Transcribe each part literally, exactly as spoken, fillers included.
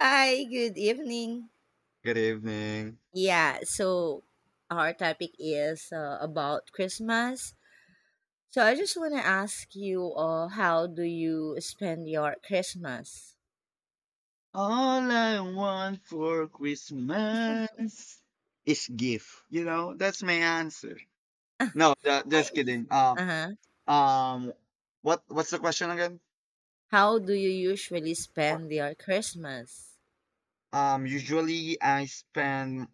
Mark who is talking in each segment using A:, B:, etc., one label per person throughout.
A: Hi, good evening.
B: Good evening.
A: Yeah, so our topic is uh, about Christmas. So I just want to ask you, uh, how do you spend your Christmas?
B: All I want for Christmas is gift. You know, that's my answer. No, ju-
A: I
B: just
A: mean,
B: kidding. Um,
A: uh-huh.
B: um, what what's the question again?
A: How do you usually
B: What-
A: spend your Christmas?
B: Um, usually I spend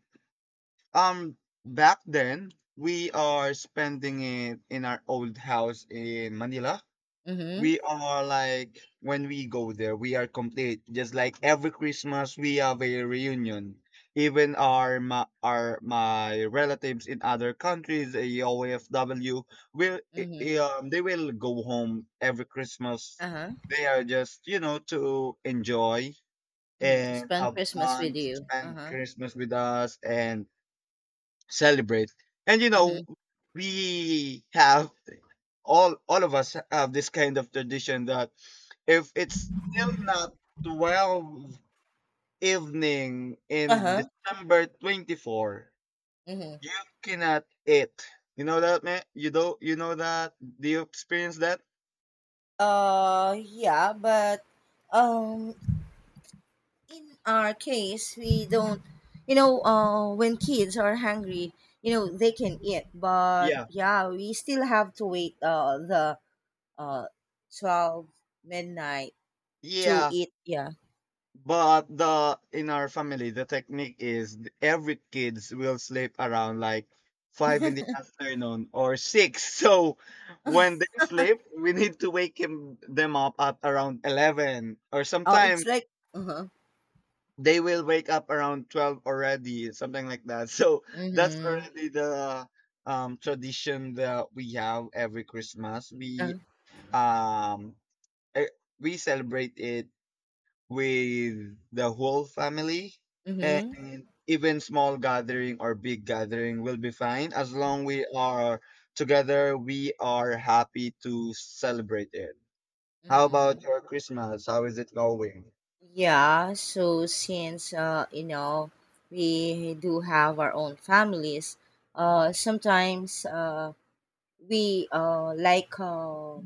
B: um back then we are spending it in our old house in Manila.
A: Mm-hmm.
B: We are like when we go there, we are complete. Just like every Christmas, we have a reunion. Even our ma- our my relatives in other countries, a O F W, will i-
A: Mm-hmm.
B: i- um, they will go home every Christmas.
A: Uh-huh.
B: They are just you know to enjoy
A: Mm-hmm.
B: and
A: Spend
B: have
A: Christmas with
B: fun,
A: you.
B: spend
A: Uh-huh.
B: Christmas with us, and celebrate. And you
A: Mm-hmm.
B: know, we have all all of us have this kind of tradition that if it's still not twelve evening in
A: Uh-huh.
B: December twenty-fourth,
A: Mm-hmm.
B: you cannot eat. You know that, man? You Do you know that? Do you experience that?
A: Uh, yeah, but um, in our case we don't you know uh, when kids are hungry you know they can eat, but
B: Yeah.
A: yeah, we still have to wait uh, the uh, twelve midnight to
B: Yeah,
A: eat, yeah.
B: but the in our family, the technique is th- every kids will sleep around like five in the afternoon or six. So when they sleep, we need to wake him, them up at around eleven, or
A: Oh, it's
B: sometimes
A: like uh-huh.
B: they will wake up around twelve already, something like that. So that's
A: Mm-hmm.
B: already the um tradition that we have every Christmas.
A: Uh,
B: We um eh, we celebrate it with the whole family,
A: mm-hmm.
B: and even small gathering or big gathering will be fine as long we are together, we are happy to celebrate it. How
A: Mm-hmm.
B: about your Christmas? How is it going?
A: Yeah, so since uh, you know, we do have our own families. Uh, sometimes uh, we uh, like uh,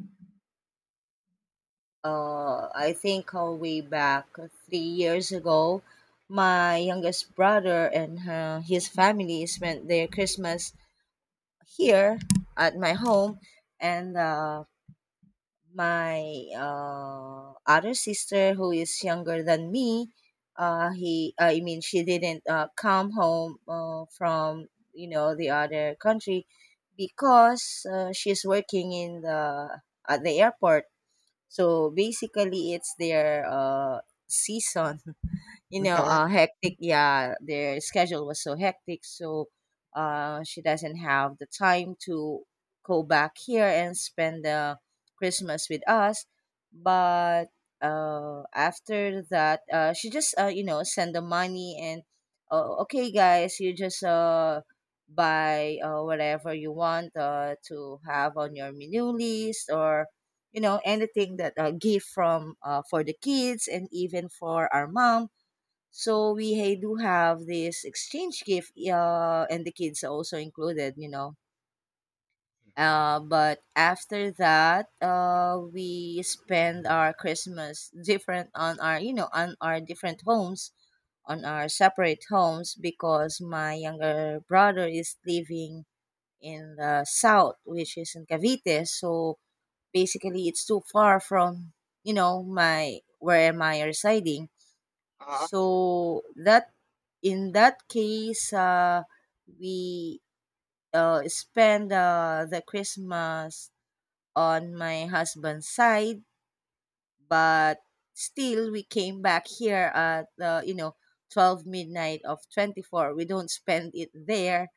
A: uh, I think uh, way back three years ago my youngest brother and uh, his family spent their Christmas here at my home, and uh, my uh, other sister, who is younger than me, uh, he I mean she didn't uh, come home uh, from you know the other country because uh, she's working in the at the airport. So basically, it's their uh, season, you know,
B: Uh-huh.
A: uh, hectic. Yeah, their schedule was so hectic, so uh, she doesn't have the time to go back here and spend the Christmas with us. But uh, after that, uh, she just uh, you know, send the money and uh, okay, guys, you just uh buy uh, whatever you want uh, to have on your menu list, or you know, anything that uh, gift from uh, for the kids and even for our mom. So we hey, do have this exchange gift, uh, and the kids are also included, you know. Uh, but after that, uh, we spend our Christmas different on our, you know, on our different homes, on our separate homes, because my younger brother is living in the south, which is in Cavite. So basically, it's too far from, you know, my where am I residing.
B: Uh-huh.
A: So that in that case, uh, we uh, spend uh, the Christmas on my husband's side, but still we came back here at uh, you know, twelve midnight of twenty-fourth. We don't spend it there,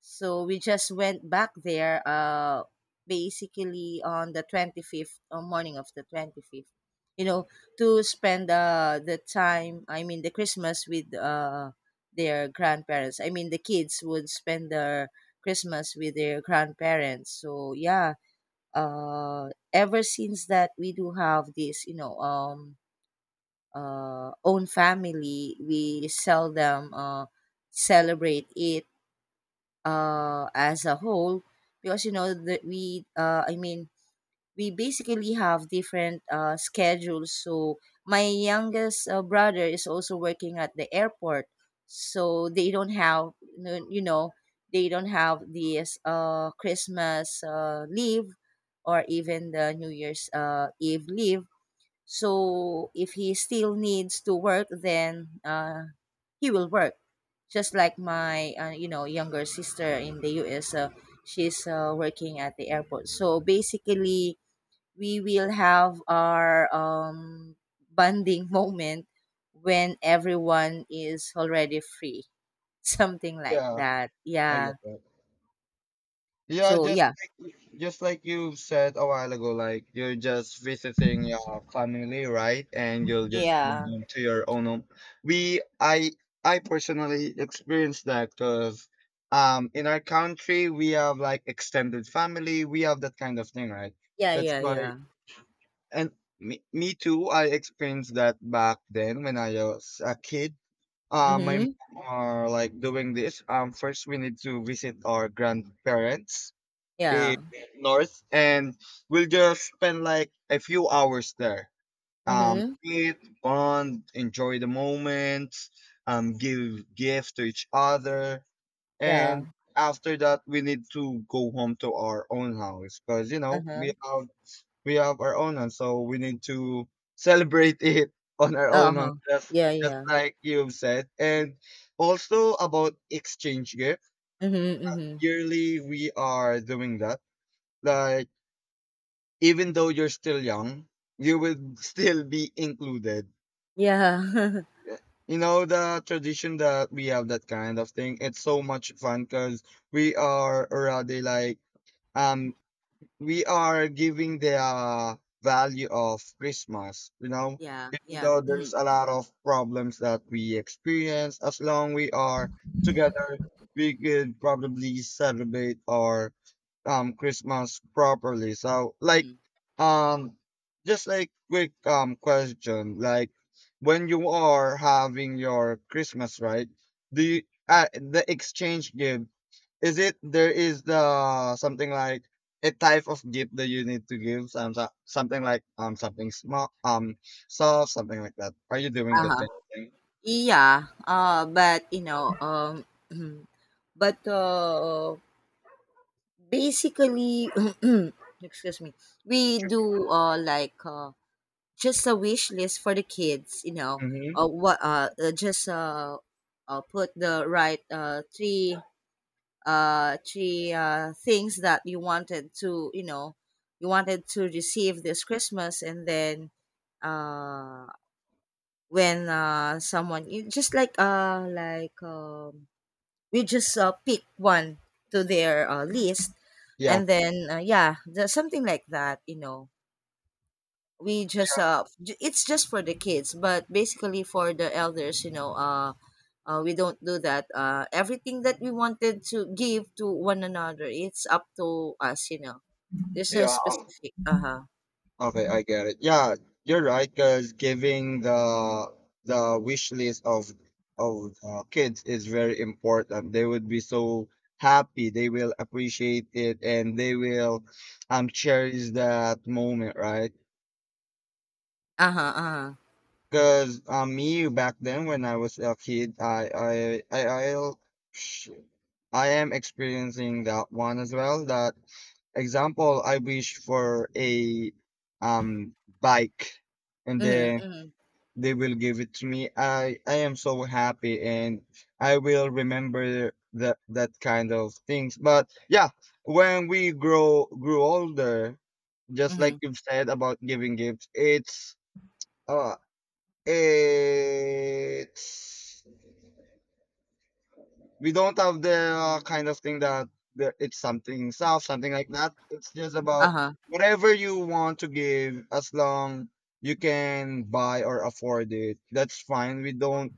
A: so we just went back there uh basically on the twenty-fifth, or morning of the twenty-fifth, you know, to spend uh the time, I mean the Christmas with uh their grandparents. I mean the kids would spend their Christmas with their grandparents, so yeah. Uh, ever since that we do have this, you know, um, uh, own family, we seldom uh, celebrate it uh, as a whole, because you know that we, uh, I mean, we basically have different uh, schedules. So my youngest uh, brother is also working at the airport, so they don't have no- you know, they don't have this uh, Christmas uh, leave, or even the New Year's uh, Eve leave. So if he still needs to work, then uh, he will work. Just like my uh, you know, younger sister in the U S. Uh, she's uh, working at the airport. So basically we will have our um, bonding moment when everyone is already free, something like
B: Yeah,
A: that,
B: I
A: yeah.
B: get that. Yeah,
A: So
B: just
A: yeah.
B: just like you said a while ago, like you're just visiting your family, right? And you'll just go
A: Yeah,
B: home to your own home. We, I, I personally experienced that because, um, in our country we have like extended family, we have that kind of thing, right?
A: yeah.
B: That's
A: Yeah,
B: why,
A: yeah.
B: and me, me too. I experienced that back then when I was a kid. Uh, my
A: Mm-hmm.
B: mom are like doing this. Um, first we need to visit our grandparents eh,
A: Yeah.
B: north, and we'll just spend like a few hours there, um
A: Mm-hmm.
B: eat, bond, enjoy the moment. Um give gifts to each other,
A: Yeah.
B: and after that we need to go home to our own house because you know we
A: Uh-huh.
B: have we have our own house, so we need to celebrate it on our own
A: Uh-huh.
B: house, just,
A: Yeah,
B: just
A: yeah.
B: like you've said. And also about exchange gift,
A: Mm-hmm. Mm-hmm.
B: yearly we are doing that, like even though you're still young, you will still be included.
A: Yeah.
B: Yeah. You know the tradition that we have, that kind of thing. It's so much fun because we are already like um we are giving the uh, value of Christmas. You know,
A: Yeah,
B: even
A: yeah.
B: though
A: Mm-hmm.
B: there's a lot of problems that we experience, as long we are together, we could probably celebrate our um Christmas properly. So like,
A: Mm-hmm.
B: um just like quick um question, like when you are having your Christmas, right? Do you, uh, the exchange gift, is it there is the something like a type of gift that you need to give, some so- something like um something small, um soft, something like that? Are you doing the
A: Uh-huh.
B: same thing?
A: Yeah uh but you know, um but uh basically, excuse me, we do uh like uh just a wish list for the kids, you know. Uh
B: Mm-hmm.
A: what uh uh, just uh, uh Put the right uh three uh three uh things that you wanted to, you know, you wanted to receive this Christmas, and then uh when uh someone you just like uh like um we just uh, pick one to their uh, list,
B: Yeah.
A: and then uh, yeah, the, something like that, you know. We just uh j- it's just for the kids, but basically for the elders, you know, uh, uh we don't do that. Uh everything that we wanted to give to one another, it's up to us, you know. There's no
B: Yeah. um,
A: specific uh-huh.
B: Okay, I get it. Yeah, you're right. Because giving the the wish list of of uh, kids is very important. They would be so happy. They will appreciate it, and they will um cherish that moment, right?
A: Uh-huh. Uh-huh.
B: Because um, me back then when I was a kid, I I I I'll, sh- I am experiencing that one as well. That example, I wish for a um bike, and
A: Mm-hmm,
B: then
A: mm-hmm,
B: They will give it to me. I I am so happy, and I will remember that that kind of things. But yeah, when we grow grew older, just like
A: mm-hmm.
B: you've said about giving gifts, it's uh it's we don't have the uh, kind of thing that that it's something soft, something like that. It's just about
A: Uh-huh.
B: whatever you want to give, as long you can buy or afford it. That's fine. We don't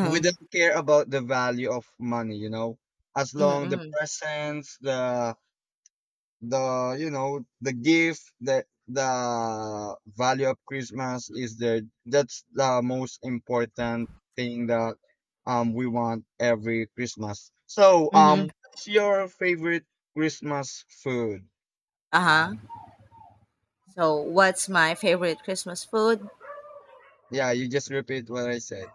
B: we don't care about the value of money, you know, as
A: Mm-hmm,
B: long the
A: mm-hmm,
B: presents, the the you know the gift, the the value of Christmas is there. That's the most important thing that um we want every Christmas. So
A: mm-hmm.
B: um what's your favorite Christmas food?
A: Uh-huh. So what's my favorite Christmas food?
B: Yeah, you just repeat what I said.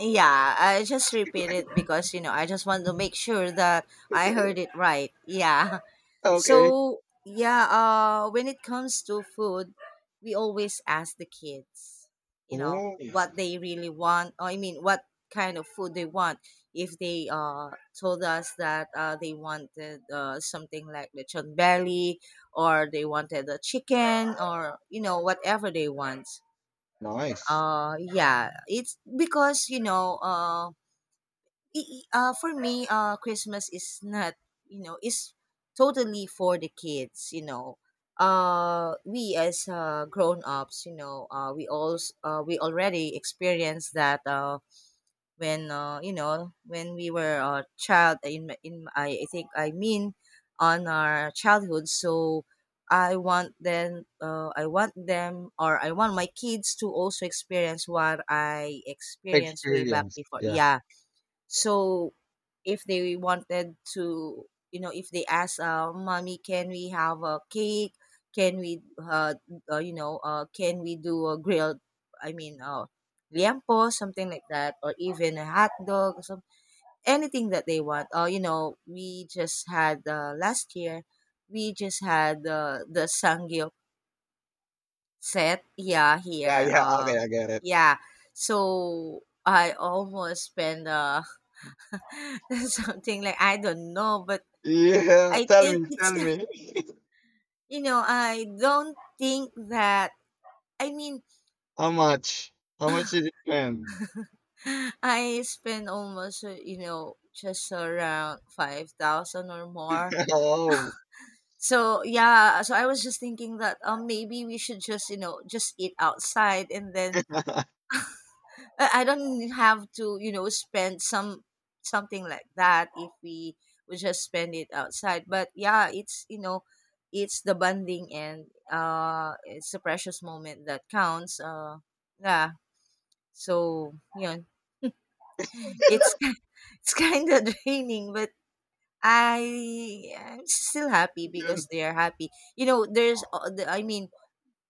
A: Yeah, I just repeat it because you know, I just want to make sure that I heard it right. Yeah.
B: Okay.
A: So yeah, uh, when it comes to food, we always ask the kids, you know,
B: Oh,
A: what they really want. Or I mean, what kind of food they want. If they uh told us that uh they wanted uh something like the chon belly, or they wanted the chicken, or you know, whatever they want.
B: nice.
A: Uh, yeah, it's because you know uh i- i- uh, for me, uh, Christmas is not, you know, is totally for the kids. You know, uh, we as uh, grown ups, you know, uh, we all s- uh, we already experienced that uh, when uh, you know, when we were a child. In my- in my- I, I think I mean on our childhood. So I want them, uh, I want them, or I want my kids to also experience what I experienced way back
B: Experience,
A: before.
B: yeah.
A: Yeah. So if they wanted to, you know, if they ask, uh, "Mommy, can we have a cake? Can we, uh, uh, you know, uh, can we do a grilled? I mean, uh, liempo, something like that, or even a hot dog, or some anything that they want. Uh, you know, we just had uh, last year, we just had uh, the sangyo set, yeah,
B: Yeah,
A: here,
B: yeah,
A: uh,
B: okay, I get it.
A: yeah. So I almost spent uh that's something like I don't know, but
B: Yeah,
A: I
B: tell me,
A: think it's
B: tell me.
A: you know I don't think that I mean
B: How much? How much did it spend?
A: I spend almost uh, you know, just around five thousand or more.
B: Oh.
A: So yeah, so I was just thinking that um maybe we should just, you know, just eat outside, and then Uh, I don't have to, you know, spend some something like that if we we just spend it outside. But yeah, it's, you know, it's the bonding and uh, it's a precious moment that counts. Uh, yeah. So you know, it's it's kind of draining, but I I'm still happy
B: You-
A: because they are happy. You know, there's all the, I mean,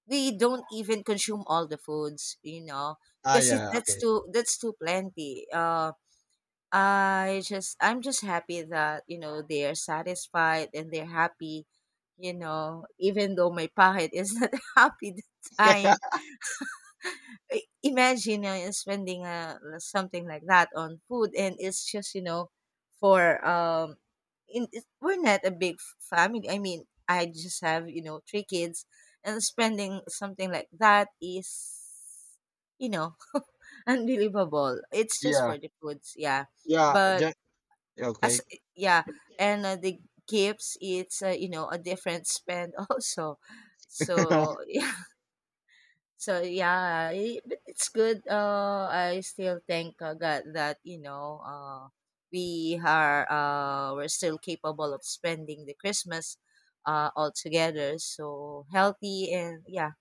A: we don't even consume all the foods. You know,
B: ah,
A: because it,
B: yeah,
A: that's
B: okay.
A: too that's too plenty. Uh, I just I'm just happy that you know, they are satisfied and they're happy, you know. Even though my pahit is not happy the time, I- imagine uh, spending uh, something like that on food, and it's just, you know, for um, in, it- we're not a big f- family. I mean, I just have, you know, three kids, and spending something like that is, you know, unbelievable. It's just
B: Yeah,
A: for the foods, yeah.
B: yeah,
A: But
B: ju-
A: as
B: okay.
A: yeah, and uh, the gifts, it's uh, you know, a different spend also. So yeah, so yeah, I- but it's good. Uh, I still thank uh, God that you know uh, we are uh, we're still capable of spending the Christmas uh, all together. So healthy, and yeah.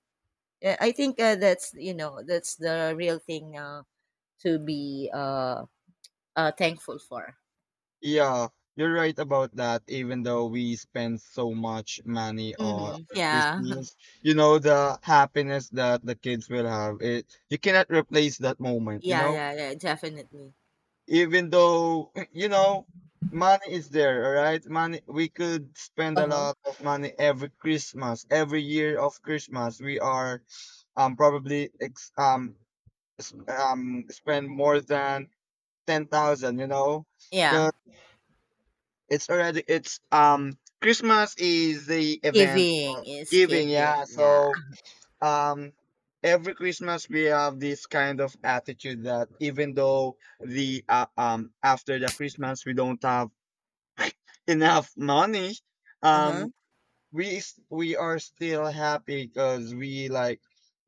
A: Uh, I think uh, that's you know, that's the real thing uh, to be uh, uh, thankful for.
B: Yeah, you're right about that, even though we spend so much money on
A: Mm-hmm. Yeah.
B: Christmas. You know, the happiness that the kids will have, it you cannot replace that moment, you
A: Yeah,
B: know?
A: yeah, yeah, definitely.
B: Even though you know money is there. All right, money, we could spend a
A: Uh-huh.
B: lot of money every Christmas. Every year of Christmas we are um probably ex- um s- um spend more than ten thousand, you know,
A: Yeah.
B: cuz it's already it's um Christmas is the event
A: Giving
B: of
A: is
B: giving,
A: giving,
B: yeah.
A: yeah.
B: So um every Christmas we have this kind of attitude that even though the uh, um after the Christmas we don't have enough money,
A: Uh-huh.
B: um we s- we are still happy because we like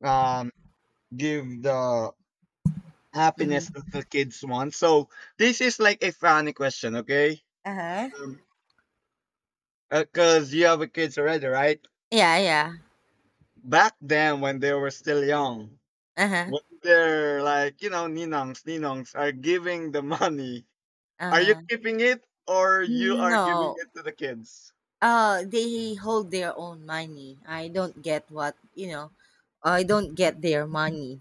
B: um give the happiness
A: Mhm.
B: that the kids want. So this is like a funny question, okay.
A: Uh-huh.
B: Um, because you have a kids already, right?
A: Yeah, yeah.
B: Back then when they were still young,
A: Uh-huh.
B: when they're like, you know, ninongs, ninongs are giving the money, are you
A: Uh-huh.
B: keeping it or you are giving
A: No.
B: it to the kids?
A: Uh, they hold their own money. I don't get what, you know, I don't get their money.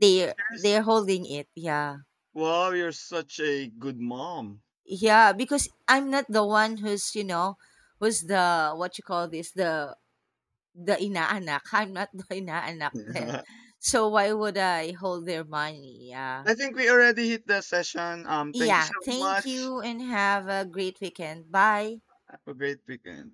A: They
B: Yes.
A: they're holding it. Yeah.
B: Wow, you're such a good mom.
A: Yeah, because I'm not the one who's, you know, who's the what you call this, the The inaanak. I'm not the inaanak then. So why would I hold their money?
B: I
A: Yeah.
B: think we already hit the session. Um, thank you
A: Yeah.
B: so
A: Thank
B: much.
A: you, and have a great weekend. Bye.
B: Have a great weekend.